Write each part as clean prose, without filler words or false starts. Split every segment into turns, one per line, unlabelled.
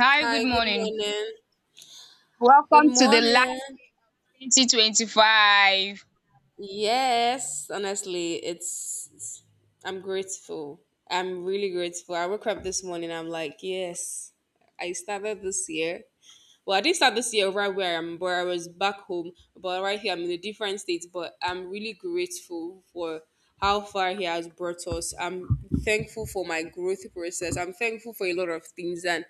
Hi, good
Hi, good
morning.
morning. Good
Welcome to the
morning.
last 2025.
Yes, honestly, I'm grateful. I'm really grateful. I woke up this morning, I'm like, yes, I started this year. Well, I didn't start this year right where I am, but I was back home. But right here, I'm in a different state. But I'm really grateful for how far he has brought us. I'm thankful for my growth process. I'm thankful for a lot of things. And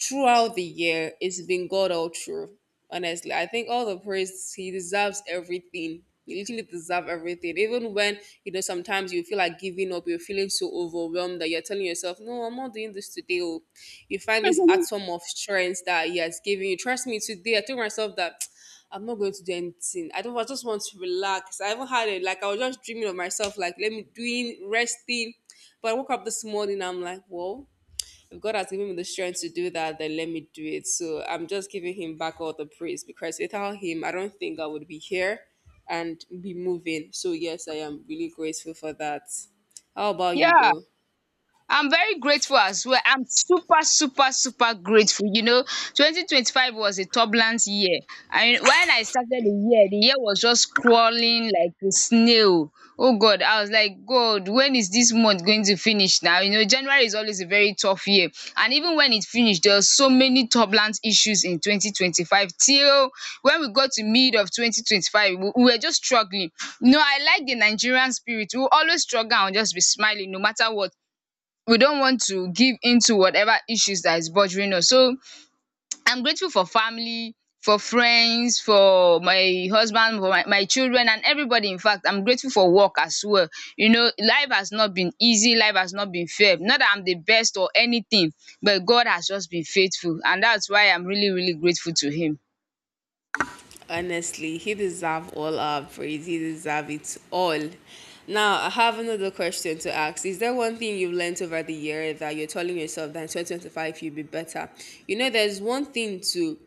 throughout the year, it's been God all through. Honestly, I think all the praise He deserves everything. He literally deserves everything. Even when you know sometimes you feel like giving up, you're feeling so overwhelmed that you're telling yourself, "No, I'm not doing this today." Oh, you find this atom of strength that He has given you. Trust me, today I told myself that I'm not going to do anything. I don't. I just want to relax. I haven't had it. Like I was just dreaming of myself, like let me doing resting. But I woke up this morning. I'm like, "Whoa." If God has given me the strength to do that, then let me do it. So I'm just giving him back all the praise because without him, I don't think I would be here and be moving. So yes, I am really grateful for that. How about you
Yeah.
though?
I'm very grateful as well. I'm super, super, super grateful. You know, 2025 was a turbulent year. And when I started the year was just crawling like a snail. Oh God, I was like, God, when is this month going to finish now? You know, January is always a very tough year. And even when it finished, there were so many turbulent issues in 2025. Till when we got to mid of 2025, we were just struggling. You know, I like the Nigerian spirit. We will always struggle and just be smiling no matter what. We don't want to give into whatever issues that is bothering us. So I'm grateful for family, for friends, for my husband, for my children, and everybody. In fact, I'm grateful for work as well. You know, life has not been easy, life has not been fair. Not that I'm the best or anything, but God has just been faithful, and that's why I'm really, really grateful to Him.
Honestly, he deserves all our praise. He deserves it all. Now I have another question to ask. Is there one thing you've learned over the year that you're telling yourself that in 2025 you'll be better? You know, there's one thing to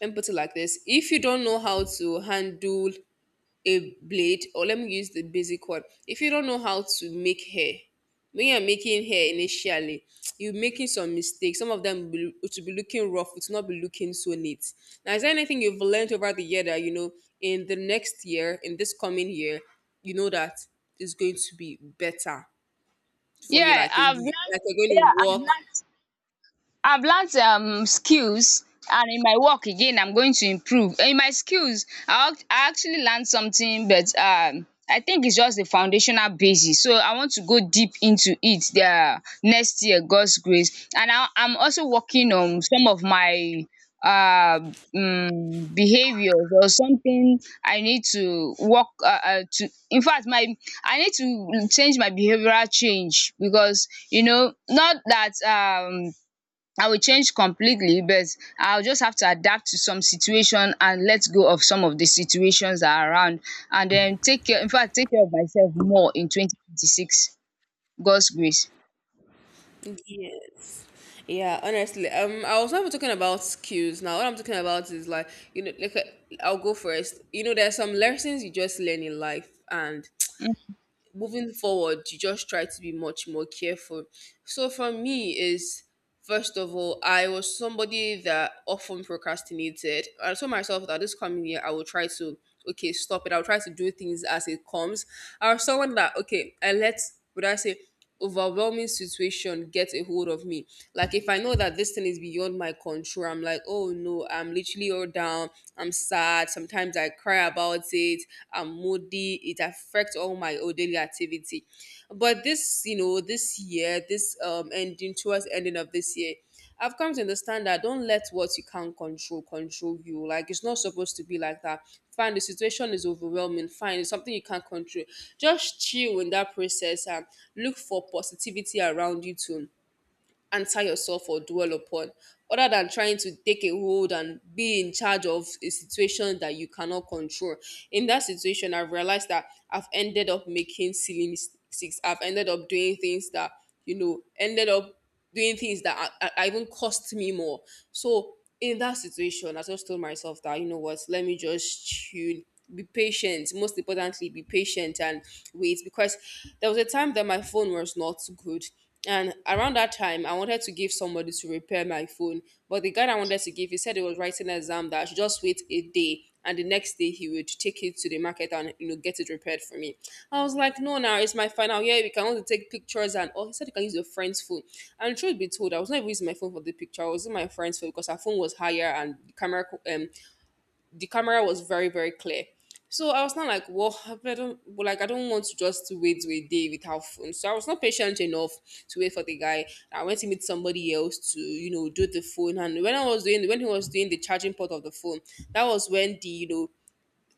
and put it like this, if you don't know how to handle a blade, or let me use the basic one, if you don't know how to make hair, when you're making hair initially you're making some mistakes, some of them will to be looking rough, it will not be looking so neat. Now is there anything you've learned over the year that you know in the next year, in this coming year, you know that is going to be better for you,
Yeah,
like
I've learned.
like you're going
Yeah,
to
I've
work.
learned I've learned skills, and in my work again I'm going to improve. In my skills, I actually learned something, but I think it's just the foundational basis, so I want to go deep into it next year, God's grace. And I'm also working on some of my uh behaviours or something. I need to work to In fact, my I need to change my behavioural change, because you know, not that I will change completely, but I'll just have to adapt to some situation and let go of some of the situations that are around, and then take care of myself more in 2026. God's grace.
Yes. Yeah, honestly. I was never talking about skills. Now, what I'm talking about is like, you know, I'll go first. You know, there's some lessons you just learn in life and moving forward, you just try to be much more careful. So for me is first of all, I was somebody that often procrastinated. I told myself that this coming year I will try to, okay, stop it. I'll try to do things as it comes. I was someone that, okay, I let, would I say, overwhelming situation get a hold of me. Like if I know that this thing is beyond my control, I'm like, oh no, I'm literally all down. I'm sad. Sometimes I cry about it. I'm moody. It affects all my oh, daily activity. But this, you know, this year, this ending towards ending of this year, I've come to understand that don't let what you can't control control you. Like it's not supposed to be like that. Fine, the situation is overwhelming. Fine, it's something you can't control. Just chill in that process and look for positivity around you too, answer yourself or dwell upon, other than trying to take a hold and be in charge of a situation that you cannot control. In that situation, I've realized that I've ended up making silly mistakes. I've ended up doing things that, you know, ended up doing things that I even cost me more. So in that situation, I just told myself that, you know what, let me just tune, be patient, most importantly be patient and wait. Because there was a time that my phone was not good, and around that time, I wanted to give somebody to repair my phone. But the guy I wanted to give, he said he was writing an exam, that I should just wait a day. And the next day he would take it to the market and you know get it repaired for me. I was like, no, now it's my final year. We can only take pictures and all. He said you can use your friend's phone. And truth be told, I was not even using my phone for the picture. I was using my friend's phone because her phone was higher and um the camera was very very clear. So I was not like, well, I don't, well, like I don't want to just wait to a day without phone. So I was not patient enough to wait for the guy. I went to meet somebody else to, you know, do the phone. And when he was doing the charging port of the phone, that was when the you know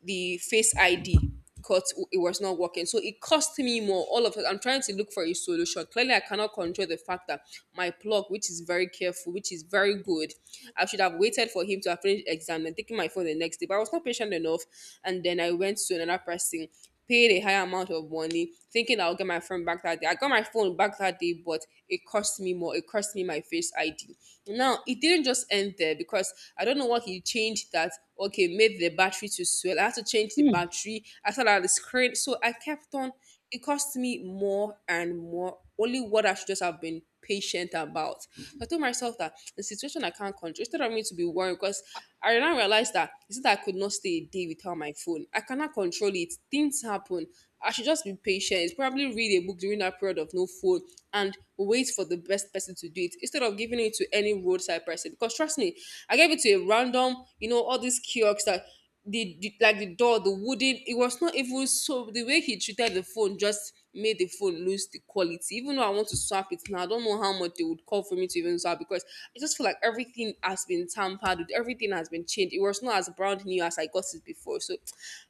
the face ID, because it was not working. So it cost me more. All of it. I'm trying to look for a solution. Clearly, I cannot control the fact that my plug, which is very careful, which is very good, I should have waited for him to have finished exam and taken my phone the next day. But I was not patient enough, and then I went to another person, paid a higher amount of money, thinking I'll get my phone back that day. I got my phone back that day, but it cost me more. It cost me my face ID. Now, it didn't just end there because I don't know what he changed that, okay, made the battery to swell. I had to change the
Hmm.
battery. I thought out the screen. So I kept on. It cost me more and more. Only what I should just have been patient about. So I told myself that the situation I can't control, instead of me to be worried, because I now realized that it's not that I could not stay a day without my phone. I cannot control it. Things happen. I should just be patient. Probably read a book during that period of no phone and wait for the best person to do it instead of giving it to any roadside person. Because trust me, I gave it to a random, you know, all these kiosks that the like the door, the wooden, it was not even so, the way he treated the phone just made the phone lose the quality. Even though I want to swap it now, I don't know how much they would call for me to even swap because I just feel like everything has been tampered with, everything has been changed. It was not as brand new as I got it before. So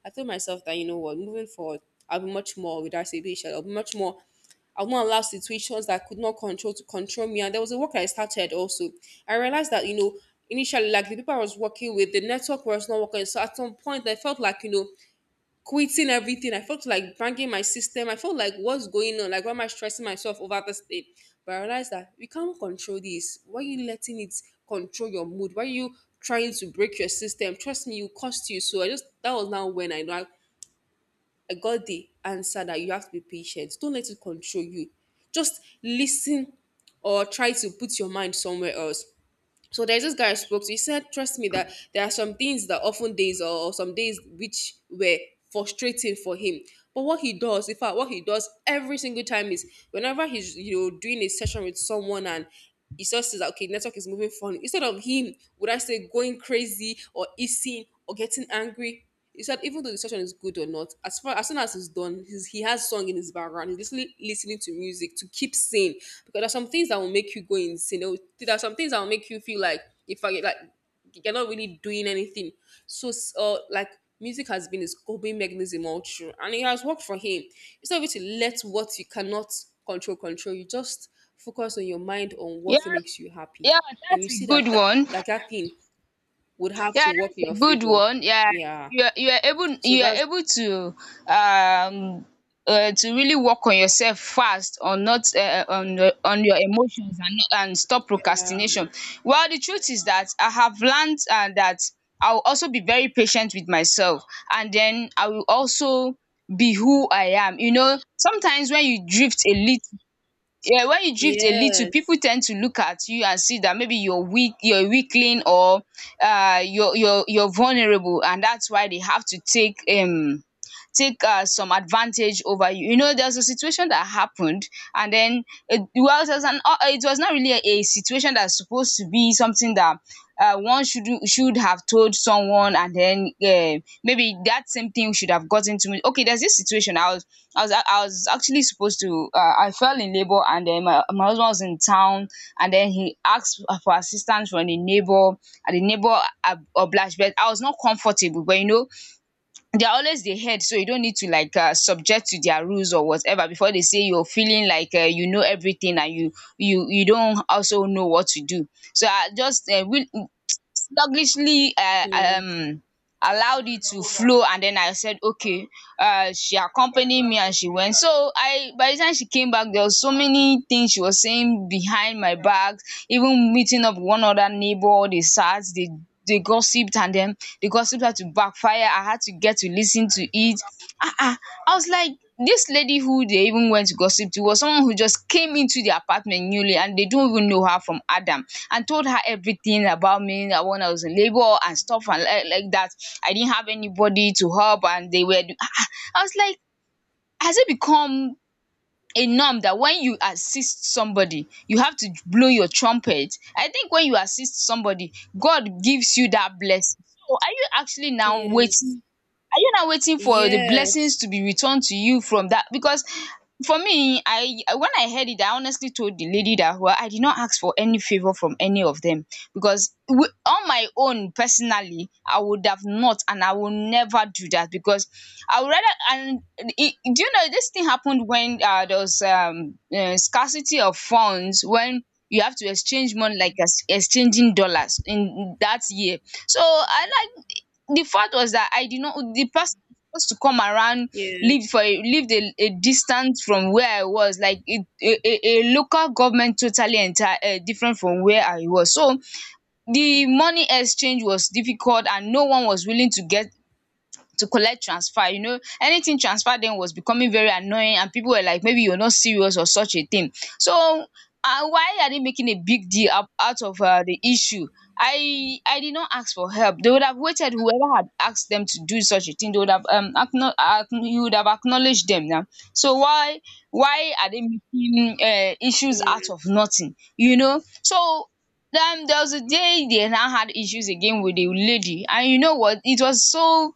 I told myself that you know what, moving forward, I'll be much more with RCB, I'll be much more, I won't allow situations that I could not control to control me. And there was a work I started also. I realized that, you know, initially, like the people I was working with, the network was not working. So at some point, I felt like, you know, quitting everything. I felt like banging my system. I felt like, what's going on? Like, why am I stressing myself over this thing? But I realized that we can't control this. Why are you letting it control your mood? Why are you trying to break your system? Trust me, it will cost you. So I just, that was now when I know I got the answer that you have to be patient. Don't let it control you. Just listen or try to put your mind somewhere else. So there's this guy I spoke to. He said, trust me that there are some things that often days, or some days which were frustrating for him. But what he does, in fact, what he does every single time is whenever he's you know doing a session with someone and he just says okay, network is moving funny. Instead of him, would I say going crazy or hissing or getting angry, he said even though the session is good or not, as far as soon as it's done, he has song in his background. He's listening to music to keep sane because there's some things that will make you go insane. There are some things that will make you feel like if I like you're not really doing anything. So like music has been his coping mechanism all through, and it has worked for him. Instead of you to let what you cannot control control, you just focus on your mind on
Yeah,
what makes you happy,
yeah,
and you
that's a
see
good
that that
one.
that, that thing would have to
Yeah,
work in
that's
your
a good
favor.
one. Yeah,
Yeah.
you are able
So
you are
that's
able um to really work on yourself fast on not on your emotions, and not, and stop procrastination. Well, the truth is that I have learned that I will also be very patient with myself, and then I will also be who I am. You know, sometimes when you drift a little, people
yes,
tend to look at you and see that maybe you're weak, you're weakling, or you're vulnerable, and that's why they have to take some advantage over you. You know, there's a situation that happened, and then it was not really a situation that's supposed to be something that one should have told someone, and then maybe that same thing should have gotten to me. Okay, there's this situation. I was actually supposed to I fell in labor, and then my husband was in town, and then he asked for assistance from the neighbor, and the neighbor obliged. But I was not comfortable. But you know, they are always the head, so you don't need to like subject to their rules or whatever before they say you're feeling like you know everything and you don't also know what to do. So I just will sluggishly
yes,
allowed it to flow. And then I said, okay, she accompanied me and she went. So I by the time she came back, there was so many things she was saying behind my back, even meeting up with one other neighbor. They sat, they gossiped, and then the gossip had to backfire. I had to get to listen to it. Ah. Ah, I was like, this lady who they even went to gossip to was someone who just came into the apartment newly, and they don't even know her from Adam, and told her everything about me that when I was in labor and stuff, and like that. I didn't have anybody to help, and they were. I was like, has it become a norm that when you assist somebody, you have to blow your trumpet? I think when you assist somebody, God gives you that blessing. So
yes,
are you not waiting for the
yes,
blessings to be returned to you from that? Because for me, I when I heard it, I honestly told the lady that, well, I did not ask for any favor from any of them, because on my own personally, I would have not, and I will never do that because I would rather. And do you know this thing happened when there was scarcity of funds, when you have to exchange money like exchanging dollars in that year. So I like the fact was that I did not the person was supposed to come around,
yes,
lived for a lived a distance from where I was, like a local government totally entire, different from where I was. So the money exchange was difficult, and no one was willing to get, to collect transfer, you know, anything. Transfer then was becoming very annoying, and people were like, maybe you're not serious or such a thing. So why are they making a big deal out of the issue? I did not ask for help. They would have waited. Whoever had asked them to do such a thing, they would have you would have acknowledged them now. So why are they making issues out
yes,
of nothing, you know. So then there was a day they now had issues again with the lady, and you know what it was. So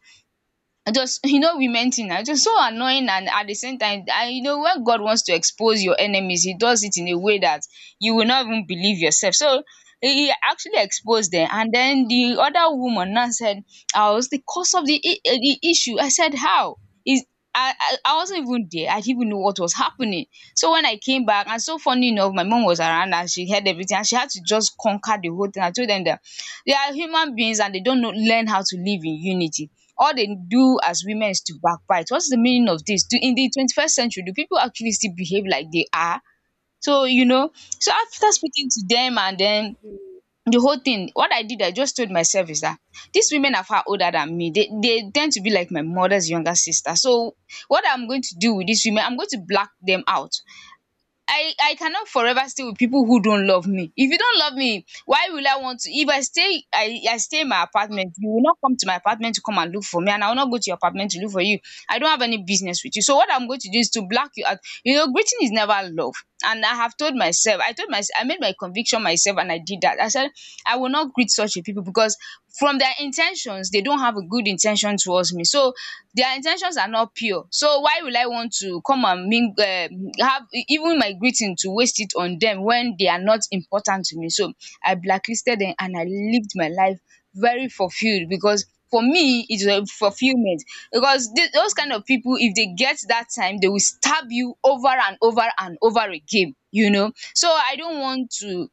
I just you know, women thing na just so annoying. And at the same time, and you know, when God wants to expose your enemies, he does it in a way that you will not even believe yourself. So he actually exposed them, and then the other woman now said I was the cause of the the issue. I said, how is... I wasn't even there. I didn't even know what was happening. So when I came back, and so funny enough my mom was around and she heard everything, and she had to just conquer the whole thing. I told them that they are human beings, and they don't know learn how to live in unity. All they do as women is to backbite. What's the meaning of this? Do In the 21st century, do people actually still behave like they are? So, you know, so after speaking to them and then the whole thing, what I did, I just told myself is that these women are far older than me. They tend to be like my mother's younger sister. So what I'm going to do with these women, I'm going to black them out. I cannot forever stay with people who don't love me. If you don't love me, why will I want to? If I stay, I stay in my apartment. You will not come to my apartment to come and look for me, and I will not go to your apartment to look for you. I don't have any business with you. So what I'm going to do is to block you out. You know, greeting is never love. And I have told myself, I made my conviction myself, and I did that. I said I will not greet such a people because from their intentions, they don't have a good intention towards me. So their in ten tions are not pure. So why will I want to come and ming have even my greeting to waste it on them when they are not important to me? So I blacklisted them, and I lived my life very fulfilled, because for me it is a fulfillment. Because this those kind of people, if they get that time, they will stab you over and over and over again, you know. So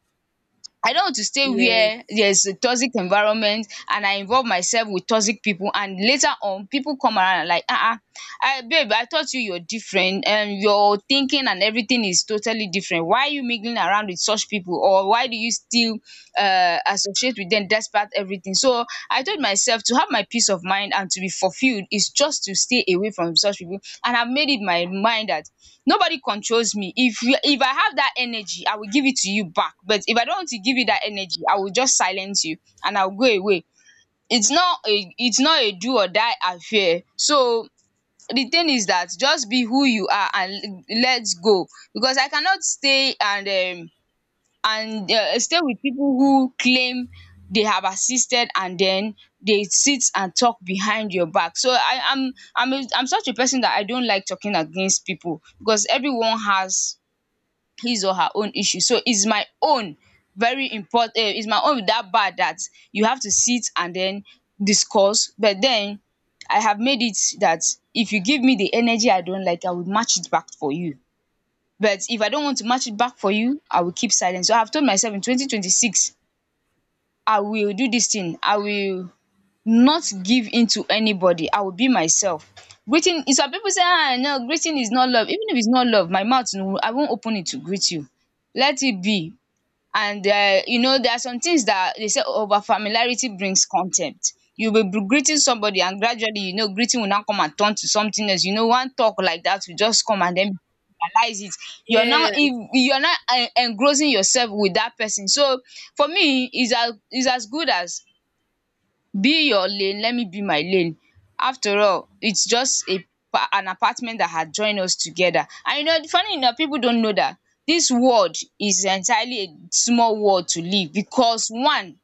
I don't want to stay
yes,
where
yes,
there's a toxic environment, and I involve myself with toxic people, and later on people come around and like, ah, I babe, I thought you're different and your thinking and everything is totally different. Why are you mingling around with such people, or why do you still associate with them despite everything? So I told myself to have my peace of mind and to be fulfilled is just to stay away from such people, and I've made it my mind that nobody controls me. If you if I have that energy, I will give it to you back, but if I don't want to give you that energy, I will just silence you and I'll go away. It's not a it's not a do or die affair. So the thing is that just be who you are, and let's go, because I cannot stay and um stay with people who claim they have assisted and then they sit and talk behind your back. So I am I'm a, I'm such a person that I don't like talking against people because everyone has his or her own issue. So it's my own very important, is my own, that bad, that you have to sit and then discuss. But then I have made it that if you give me the energy I don't like, I will match it back for you. But if I don't want to match it back for you, I will keep silent. So I have told myself in 2026 I will do this thing. I will not give in to anybody. I will be myself. Greeting, some people say, ah, no, greeting is not love. Even if it's not love, my mouth, no, I won't open it to greet you. Let it be. And you know, there are some things that they say: over familiarity brings contempt. You'll be greeting somebody, and gradually, you know, greeting will now come and turn to something else. You know, one talk like that will just come, and then realize it, you're not
yes.
in, you're not en engrossing yourself with that person. So for me, it's as good as be your lane, let me be my lane. After all, it's just a an apartment that had joined us together. And you know, funny enough, people don't know that this world is entirely a small world to live, because one,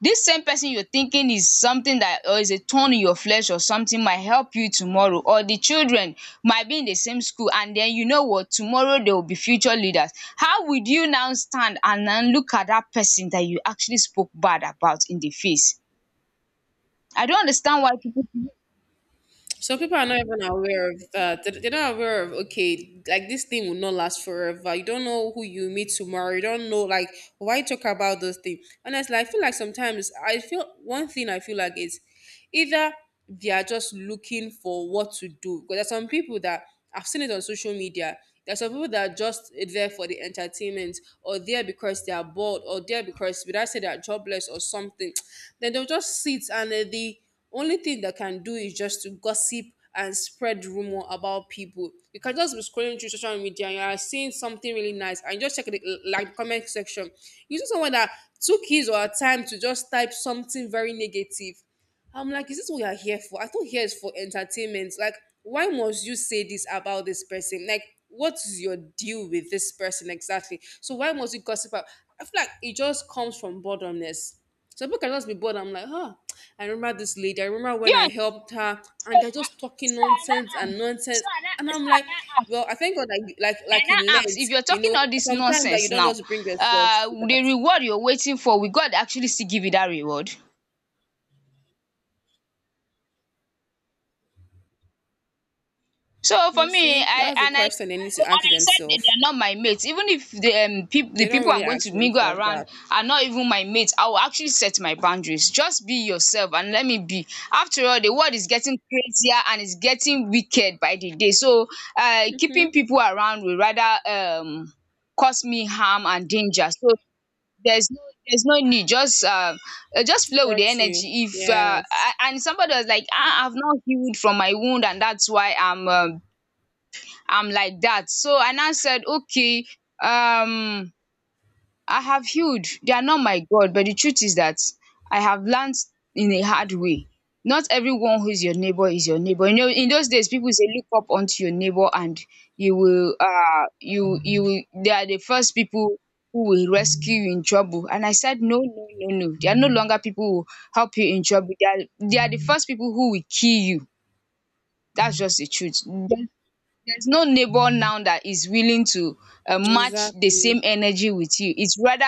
this same person you're thinking is something, that or is a thorn in your flesh, or something, might help you tomorrow. Or the children might be in the same school, and then, you know what, tomorrow they will be future leaders. How would you now stand and then look at that person that you actually spoke bad about in the face? I don't understand why people do.
Some people are not even aware of that. They're not aware of okay, like this thing will not last forever. You don't know who you meet tomorrow. You don't know, like why talk about those things. Honestly, I feel like sometimes I feel one thing I feel like is either they are just looking for what to do. Because there's some people that I've seen it on social media. There's some people that are just there for the entertainment, or there because they are bored, or there because would I say they are jobless or something. Then they'll just sit and the only thing that can do is just to gossip and spread rumor about people. You can just be scrolling through social media and you are seeing something really nice and you just check the like the comment section. You see someone that took his or her time to just type something very negative. I'm like, is this what you're here for? I thought here is for entertainment. Like, why must you say this about this person? Like, what is your deal with this person exactly? So why must you gossip about? I feel like it just comes from boredomness. Some people can just be bored. I'm like, huh, I remember this lady. I remember when
You
I helped
understand?
her,
So
and they're
I,
just talking
so I
nonsense
now
and
ask.
nonsense. And
So
I'm
I
like,
now ask.
well, I thank God, like, like,
I
like you
now ask,
learned,
if you're talking all this
sometimes that you
nonsense
don't
now,
just bring yourself to
the
that.
reward you're waiting for, will God actually still give you that reward? So for
You
me,
see,
I
that's the
and I
question they need to
and
ask
I said that they
themselves.
are not my mates. Even if the
They
the
don't
people
really
I'm going
ask
to mingle
themselves
around
that.
are not even my mates, I will actually set my boundaries. Just be yourself and let me be. After all, the world is getting crazier and it's getting wicked by the day. So keeping people around will rather cause me harm and danger. So there's no there's no need. Just flow with
For
the
you.
energy. If
Yes.
and somebody was like, ah, I've not healed from my wound and that's why I'm I am like that, so I now said, okay, um I have healed, they are not my god. But the truth is that I have learned in a hard way, not everyone who is your neighbor is your neighbor. You know, in those days, people say look up onto your neighbor and you will, you will, they are the first people who will rescue you in trouble. And I said, no, no, no, no, they are no longer people who help you in trouble. They are, they are the first people who will kill you. That's just the truth. They There's no neighbor now that is willing to match the
Exactly.
same energy with you. It's rather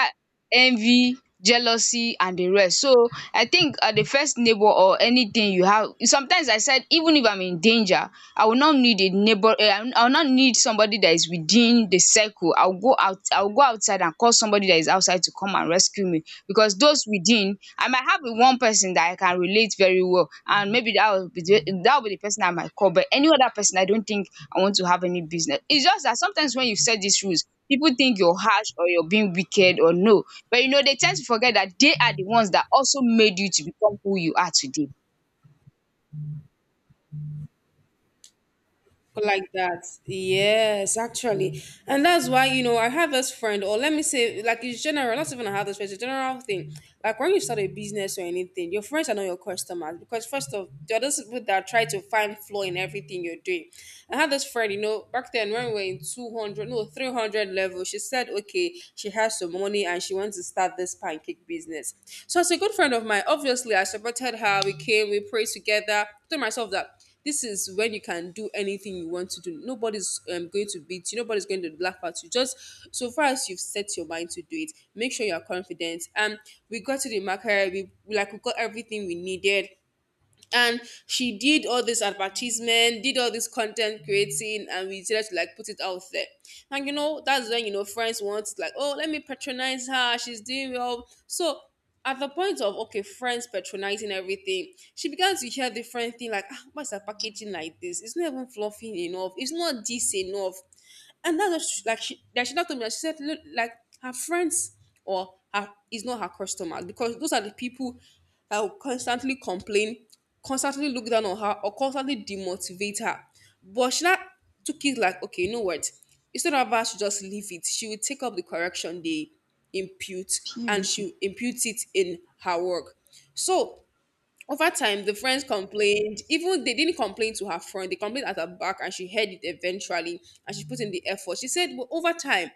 envy, jealousy and the rest. So I think, the first neighbor or anything you have, sometimes I said even if I'm in danger, I will not need a neighbor. I will not need somebody that is within the circle. I'll go out, I'll go outside and call somebody that is outside to come and rescue me, because those within, I might have one person that I can relate very well and maybe that will be that will be the person I might call. But any other person, I don't think I want to have any business. It's just that sometimes when you set these rules, people think you're harsh or you're being wicked, or no. But you know, they tend to forget that they are the ones that also made you to become who you are today.
Like that. Yes, actually. And that's why, you know, I have this friend, or let me say, like, it's general, not even I have this friend, it's a general thing. Like, when you start a business or anything, your friends are not your customers because, first of, they're those people that try to find flaw in everything you're doing. I had this friend, you know, back then when we were in 200, no, 300 level. She said, okay, she has some money and she wants to start this pancake business. So, as a good friend of mine, obviously, I supported her. We came, we prayed together, told myself that this is when you can do anything you want to do. Nobody's going to beat you. Nobody's going to laugh at you. Just so far as you've set your mind to do it, make sure you're confident. We got to the market. We like we got everything we needed, and she did all this advertisement, did all this content creating, and we decided to like put it out there. And you know, that's when you know friends want, like, oh, let me patronize her, she's doing well. So at the point of okay friends patronizing everything, she began to hear different thing like, ah, why is her packaging like this, it's not even fluffy enough, it's not this enough. And that's just like, she like she now told me that she said, look, like her friends or her is not her customers, because those are the people that will constantly complain, constantly look down on her, or constantly demotivate her. But she now took it like, okay, you know what? Instead of her to just leave it, she will take up the correction they impute, and
Beautiful.
she imputes it in her work. So over time, the friends complained. Even they didn't complain to her front, they complained at her back, and she heard it eventually. And she put in the effort. She said, well, over time,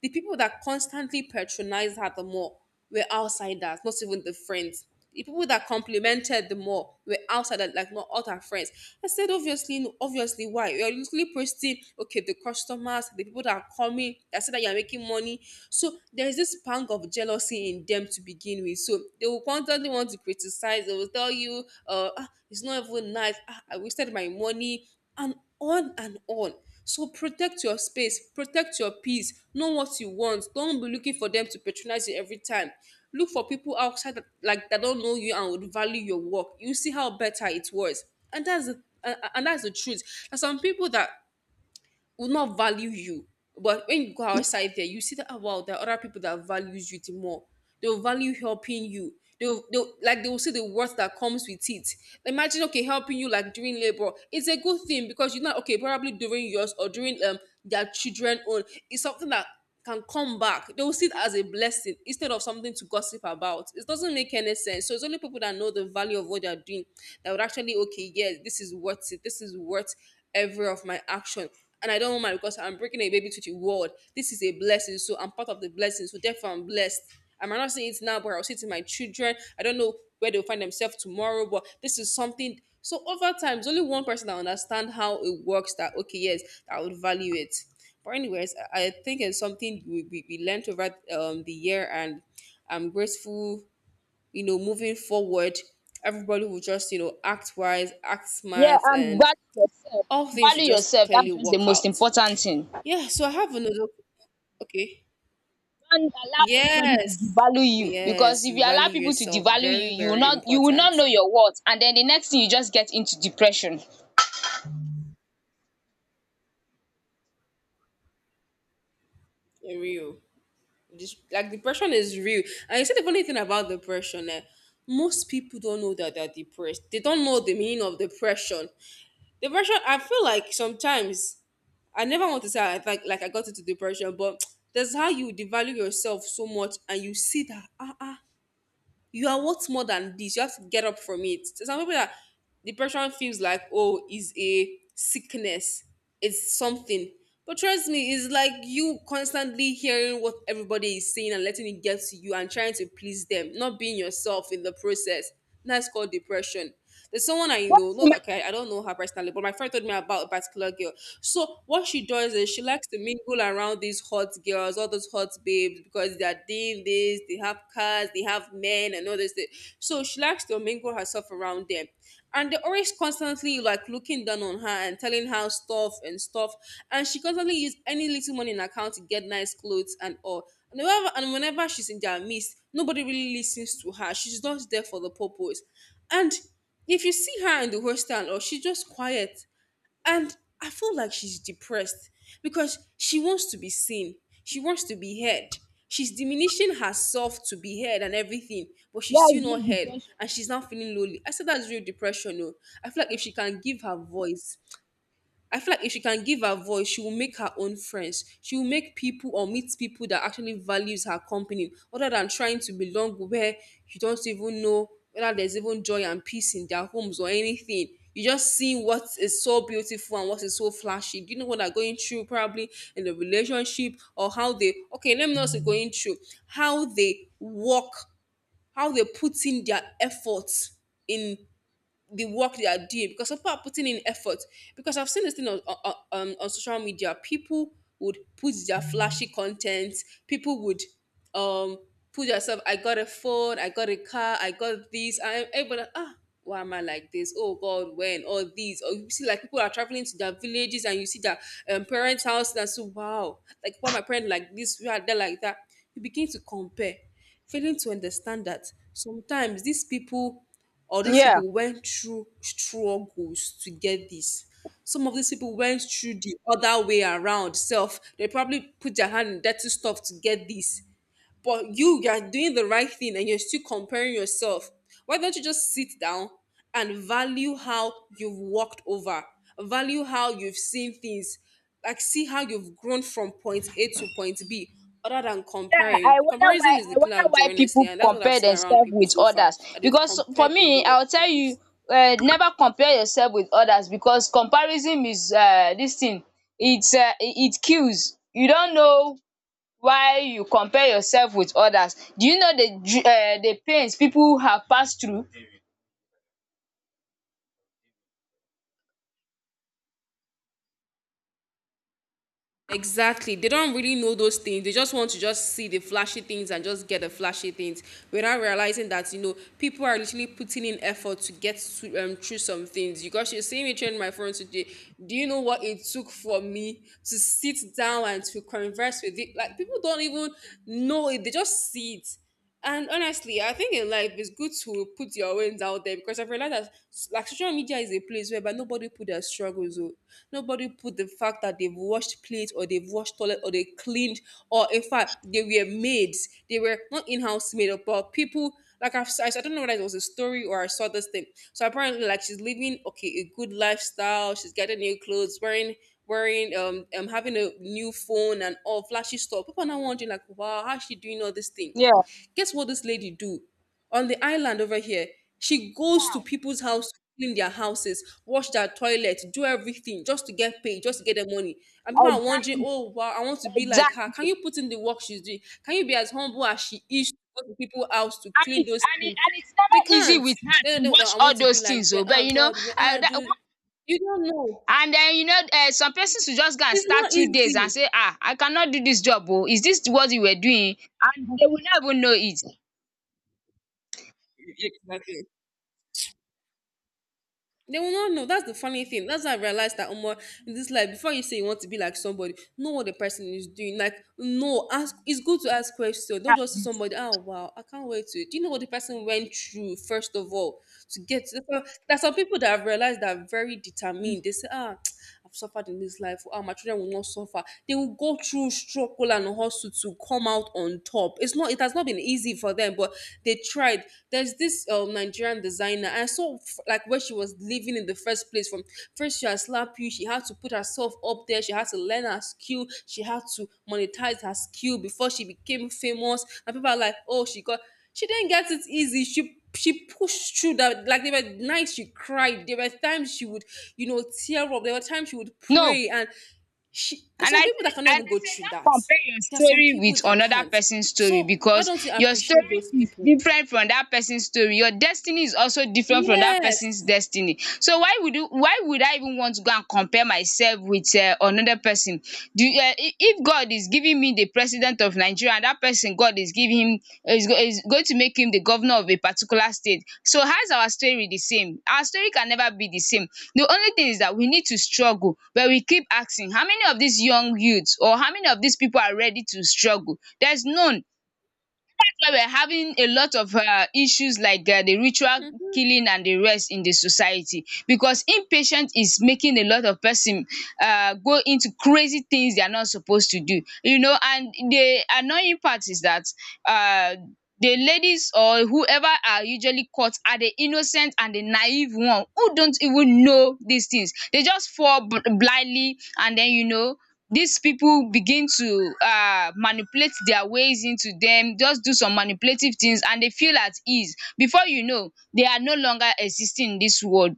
the people that constantly patronized her the more were outsiders, not even the friends. The people that complimented the more were outsiders, like not all her friends. I said, obviously, no, obviously, why? You're literally posting, okay, the customers, the people that are coming, that said that you're making money. So there's this pang of jealousy in them to begin with. So they will constantly want to criticize. They will tell you, "Ah, it's not even nice. Ah, I wasted my money," and on and on. So protect your space, protect your peace, know what you want. Don't be looking for them to patronize you every time. Look for people outside that, like that don't know you and would value your work. You see how better it was. And that's the and that's the truth. There's some people that will not value you. But when you go outside there, you see that oh, wow, there are other people that values you the more. They'll value helping you. They'll like they will see the worth that comes with it. Imagine okay, helping you like during labor. It's a good thing because you know okay, probably during yours or during their children own. It's something that can come back. They will see it as a blessing instead of something to gossip about. It doesn't make any sense. So it's only people that know the value of what they're doing that would actually okay, yes, this is worth it. This is worth every of my action, and I don't mind because I'm bringing a baby to the world. This is a blessing, so I'm part of the blessing. So therefore, I'm blessed. I am not saying it now, but I'll see it in my children. I don't know where they'll find themselves tomorrow, but this is something. So over time, there's only one person that understand how it works. That okay, yes, that would value it. But anyways, I think it's something we learned over the year, and I'm grateful. You know, moving forward, everybody will just you know act wise, act
Yeah,
smart,
and
and
value yourself.
all things will
Value
just
yourself.
clearly
That's just the
work
most
out.
important thing.
Yeah, so I have another. Okay.
Don't allow anybody to
Yes.
devalue you, because
Yes.
if you allow
Value
people to
yourself.
devalue you,
Very, very
you will not
important.
know your worth, and then the next thing, you just get into depression.
Real. This, like depression is real. And you said the funny thing about depression, eh, most people don't know that they're depressed. They don't know the meaning of depression. Depression, I feel like sometimes I never want to say I like I got into depression, but that's how you devalue yourself so much and you see that ah ah you are worth more than this. You have to get up from it. So some people that depression feels like, oh, is a sickness, it's something. But trust me, it's like you constantly hearing what everybody is saying and letting it get to you and trying to please them, not being yourself in the process. That's called depression. There's someone I know,
Yes,
not
human.
like I don't know her personally, but my friend told me about a particular girl. So what she does is she likes to mingle around these hot girls, all those hot babes, because they are doing this, they have cars, they have men and all this thing. So she likes to mingle herself around them. And they're always constantly like looking down on her and telling her stuff and stuff. And she constantly use any little money in her account to get nice clothes and all. And whenever she's in their midst, nobody really listens to her. She's not there for the purpose. And if you see her in the hostel or she's just quiet, and I feel like she's depressed because she wants to be seen. She wants to be heard. She's diminishing herself to be heard and everything, but she's
Yes,
still
real
not heard,
depression.
and she's now feeling lonely. I said that's real depression, no. I feel like if she can give her voice, I feel like if she can give her voice, she will make her own friends. She will make people or meet people that actually values her company, other than trying to belong where you don't even know whether there's even joy and peace in their homes or anything. You just see what is so beautiful and what is so flashy. Do you know what they're going through probably in the relationship or how they okay, let me not say going through, how they work, how they put in their efforts in the work they are doing because people are putting in effort. Because I've seen this thing on social media, people would put their flashy content, people would um put yourself, I got a phone, I got a car, I got this, I'm able, ah, why am I like this? Oh God, when all these, or you see like people are traveling to their villages and you see their parents' house and so wow, like why my parents like this, why they like that. You begin to compare, failing to understand that sometimes these people or these
Yeah.
people went through struggles to get this. Some of these people went through the other way around self. They probably put their hand in dirty stuff to get this. But you are doing the right thing and you're still comparing yourself. Why don't you just sit down and value how you've walked over, value how you've seen things, like see how you've grown from point A to point B, other than
Yeah,
comparing. Comparison is the
I
killer
wonder
of
why
joy, honestly,
people
and that's what I've
compare
seen around
themselves
people
with
so far
others.
that they've
Because for
compared a
me,
lot of
I will tell you,
times.
never compare yourself with others, because comparison is, this thing, it kills. You don't know why you compare yourself with others. Do you know the the pains people have passed through?
Exactly. They don't really know those things. They just want to just see the flashy things and just get the flashy things without realizing that, people are literally putting in effort to get to, through some things. Because you see me training my phone today. Do you know what it took for me to sit down and to converse with it? Like, people don't even know it. They just see it. And honestly, I think in life it's good to put your wins out there because I've realized that like social media is a place whereby nobody put their struggles out. Nobody put the fact that they've washed plates or they've washed toilet or they cleaned, or in fact they were maids. They were not in-house made, but people like I don't know whether it was a story or I saw this thing. So apparently like she's living okay, a good lifestyle, she's getting new clothes, wearing having a new phone and all flashy stuff. People are now wondering like, wow, how's she doing all this thing?
Yeah.
Guess what this lady do? On the island over here, she goes to people's house to clean their houses, wash their toilet, do everything just to get paid, just to get the money. And
Wow.
people are wondering,
Exactly.
oh wow, I want to be like her.
Exactly.
Can you put in the work she's doing? Can you be as humble as she is to go to people's house to clean those things?
And it's
They
never easy
can't.
with her
They
to
don't.
watch
I want
all
to be
those
like
things
them.
o,
Ah,
but you know,
God, where
I
I
that.
do. You don't know.
And then, you know, some persons will just go and
It's
start
not
2 days and
easy.
say, "Ah, I cannot do this job. Oh, is this what you were doing?" And they will not even know it.
Exactly. They will not know. That's the funny thing. That's why I realized that, Omar, in this life, before you say you want to be like somebody, know what the person is doing. Like, no, ask. It's good to ask questions. Don't
Dats
just say
it.
somebody, "Oh wow, I can't wait to." Do you know what the person went through first of all to get to? There are some people that have realized that are very determined. They say, ah, I've suffered in this life. Ah, my children will not suffer. They will go through struggle and hustle to come out on top. It's not. It has not been easy for them, but they tried. There's this Nigerian designer. I saw like where she was living in the first place. From first she had slapped you. She had to put herself up there. She had to learn her skill. She had to monetize her skill before she became famous. And people are like, oh, she didn't get it easy. She pushed through that. Like there were nights she cried. There were times she would, tear up. There were times she would
No.
pray. And she there's
And
some
I
people that
said,
can
and
even
I
go
said,
through that.
don't compare your
There are some
story
people
with
that
another
can't.
person's story,
So why
because
don't you
your
appreciate
story
those
is
people?
different from that person's story. Your destiny is also different from that person's
Yes.
destiny. So why would you, why would I even want to go and compare myself with another person? Do, if God is giving me the president of Nigeria, and that person, God is giving him, is going to make him the governor of a particular state. So how is our story the same? Our story can never be the same. The only thing is that we need to struggle, but we keep asking, how many of these young youths, or how many of these people, are ready to struggle? There's none. Why we are having a lot of issues, like the ritual
Mhm.
killing and the rest in the society, because impatient is making a lot of person go into crazy things they are not supposed to do. You know, and the annoying part is that um the ladies or whoever are usually caught are the innocent and the naive one who don't even know these things. They just fall blindly, and then, you know, dis pipu begin to manipulate their ways into dem, just do some manipulative things and dey feel at ease. Before you know, they are no longer existing in dis world,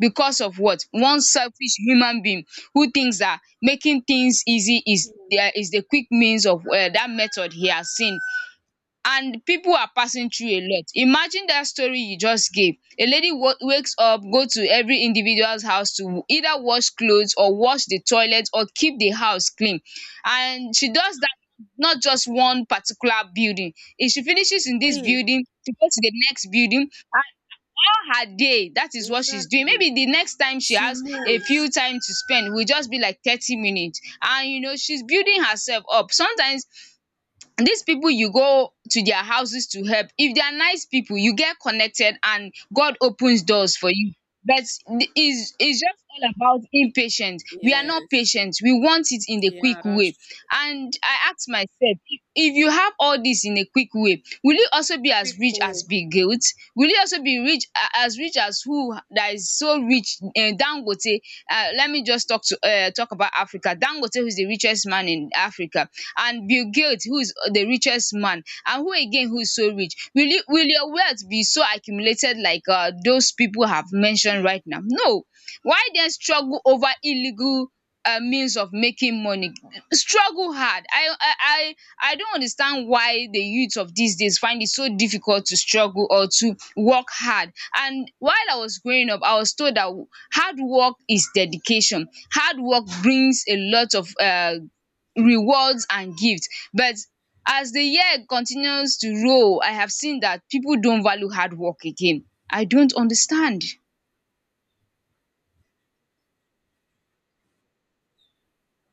because of what one selfish human being, who thinks that making things easy is the quick means of, that method he has seen. And people are passing through a lot. Imagine that story you just gave. A lady wakes up, go to every individual's house to either wash clothes or wash the toilet or keep the house clean. And she does that, not just one particular building. If she finishes in this
Clean.
building, she goes to the next building, and all her day, that is what she's doing.
Exactly.
Maybe the next time she
She
has a
moves.
few time to spend will just be like 30 minutes. And you know, she's building herself up. Sometimes these people you go to their houses to help, if they are nice people, you get connected and God opens doors for you. But it's just all about impatience. We are not
Yes.
patient, we want it in the quick
Yeah, that's
way.
true.
And I ask myself, if you have all this in a quick way, will you also be as
Quick
rich as
way.
Bill Gates? Will you also be as rich as who that is so rich? Dangote. Let me just talk to, talk about Africa. Dangote, who is the richest man in Africa, and Bill Gates, who is the richest man, and who again, who is so rich? Will your wealth be so accumulated like, those people have mentioned right now? No. Why then struggle over illegal means of making money? Struggle hard. I don't understand why the youth of these days find it so difficult to struggle or to work hard. And while I was growing up, I was told that hard work is dedication. Hard work brings a lot of rewards and gifts. But as the year continues to roll, I have seen that people don't value hard work again. I don't understand.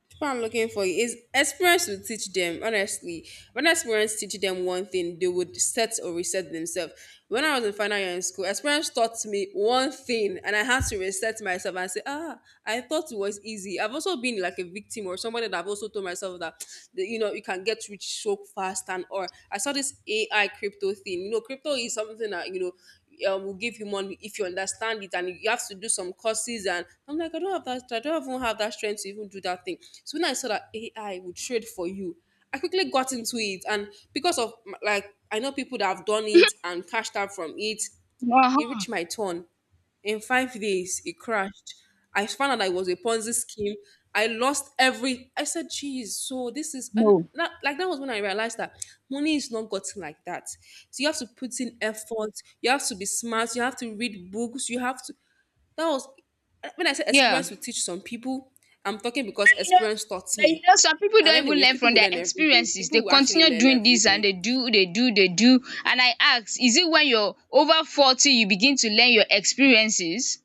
That's what I'm looking for, is experience will teach them honestly. When experience teach them one thing, they would set or reset themselves. When I was in final year in school, experience taught me one thing, and I had to reset myself and say, "Ah, I thought it was easy." I've also been like a victim, or somebody that I've also told myself that you know, you can get rich so fast. And or I saw this AI crypto thing. You know, crypto is something that will give you money if you understand it, and you have to do some courses. And I'm like, I don't have that. I don't even have that strength to even do that thing. So when I saw that AI would trade for you, I quickly got into it. And because of, like, I know people that have done it and cashed out from it, it
Uh-huh.
reached my turn. In 5 days, it crashed. I found out that it was a Ponzi scheme. I lost every. I said, "Geez, so this is and
No.
that," like that was when I realized that money is not gotten like that. So you have to put in effort. You have to be smart. You have to read books. You have to. That was when I said
Yeah.
experience will teach some people. I'm talking because experience taught
But you
me.
know, some people
And
don't even
anyways,
learn
people
from
will
their
learn every day.
experiences. They
People will actually
continue
learn
doing
every
this, and
day.
they do. And I ask, is it when you're over 40 you begin to learn your experiences?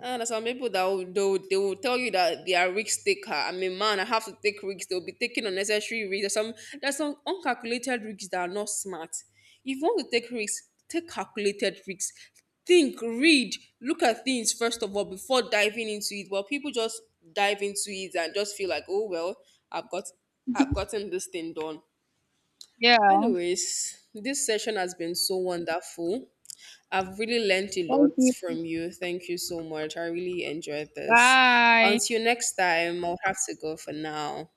And there's some people that will tell you that they are risk taker. I mean, man, I have to take risks. They'll be taking unnecessary risks. There's some uncalculated risks that are not smart. If you want to take risks, take calculated risks. Think, read, look at things first of all before diving into it. But people just dive into it and just feel like, oh well, I've got I've gotten this thing done.
Yeah.
Anyways, this session has been so wonderful. I've really learned a lot
Thank you.
from you. Thank you so much. I really enjoyed this.
Bye.
Until next time, I'll have to go for now.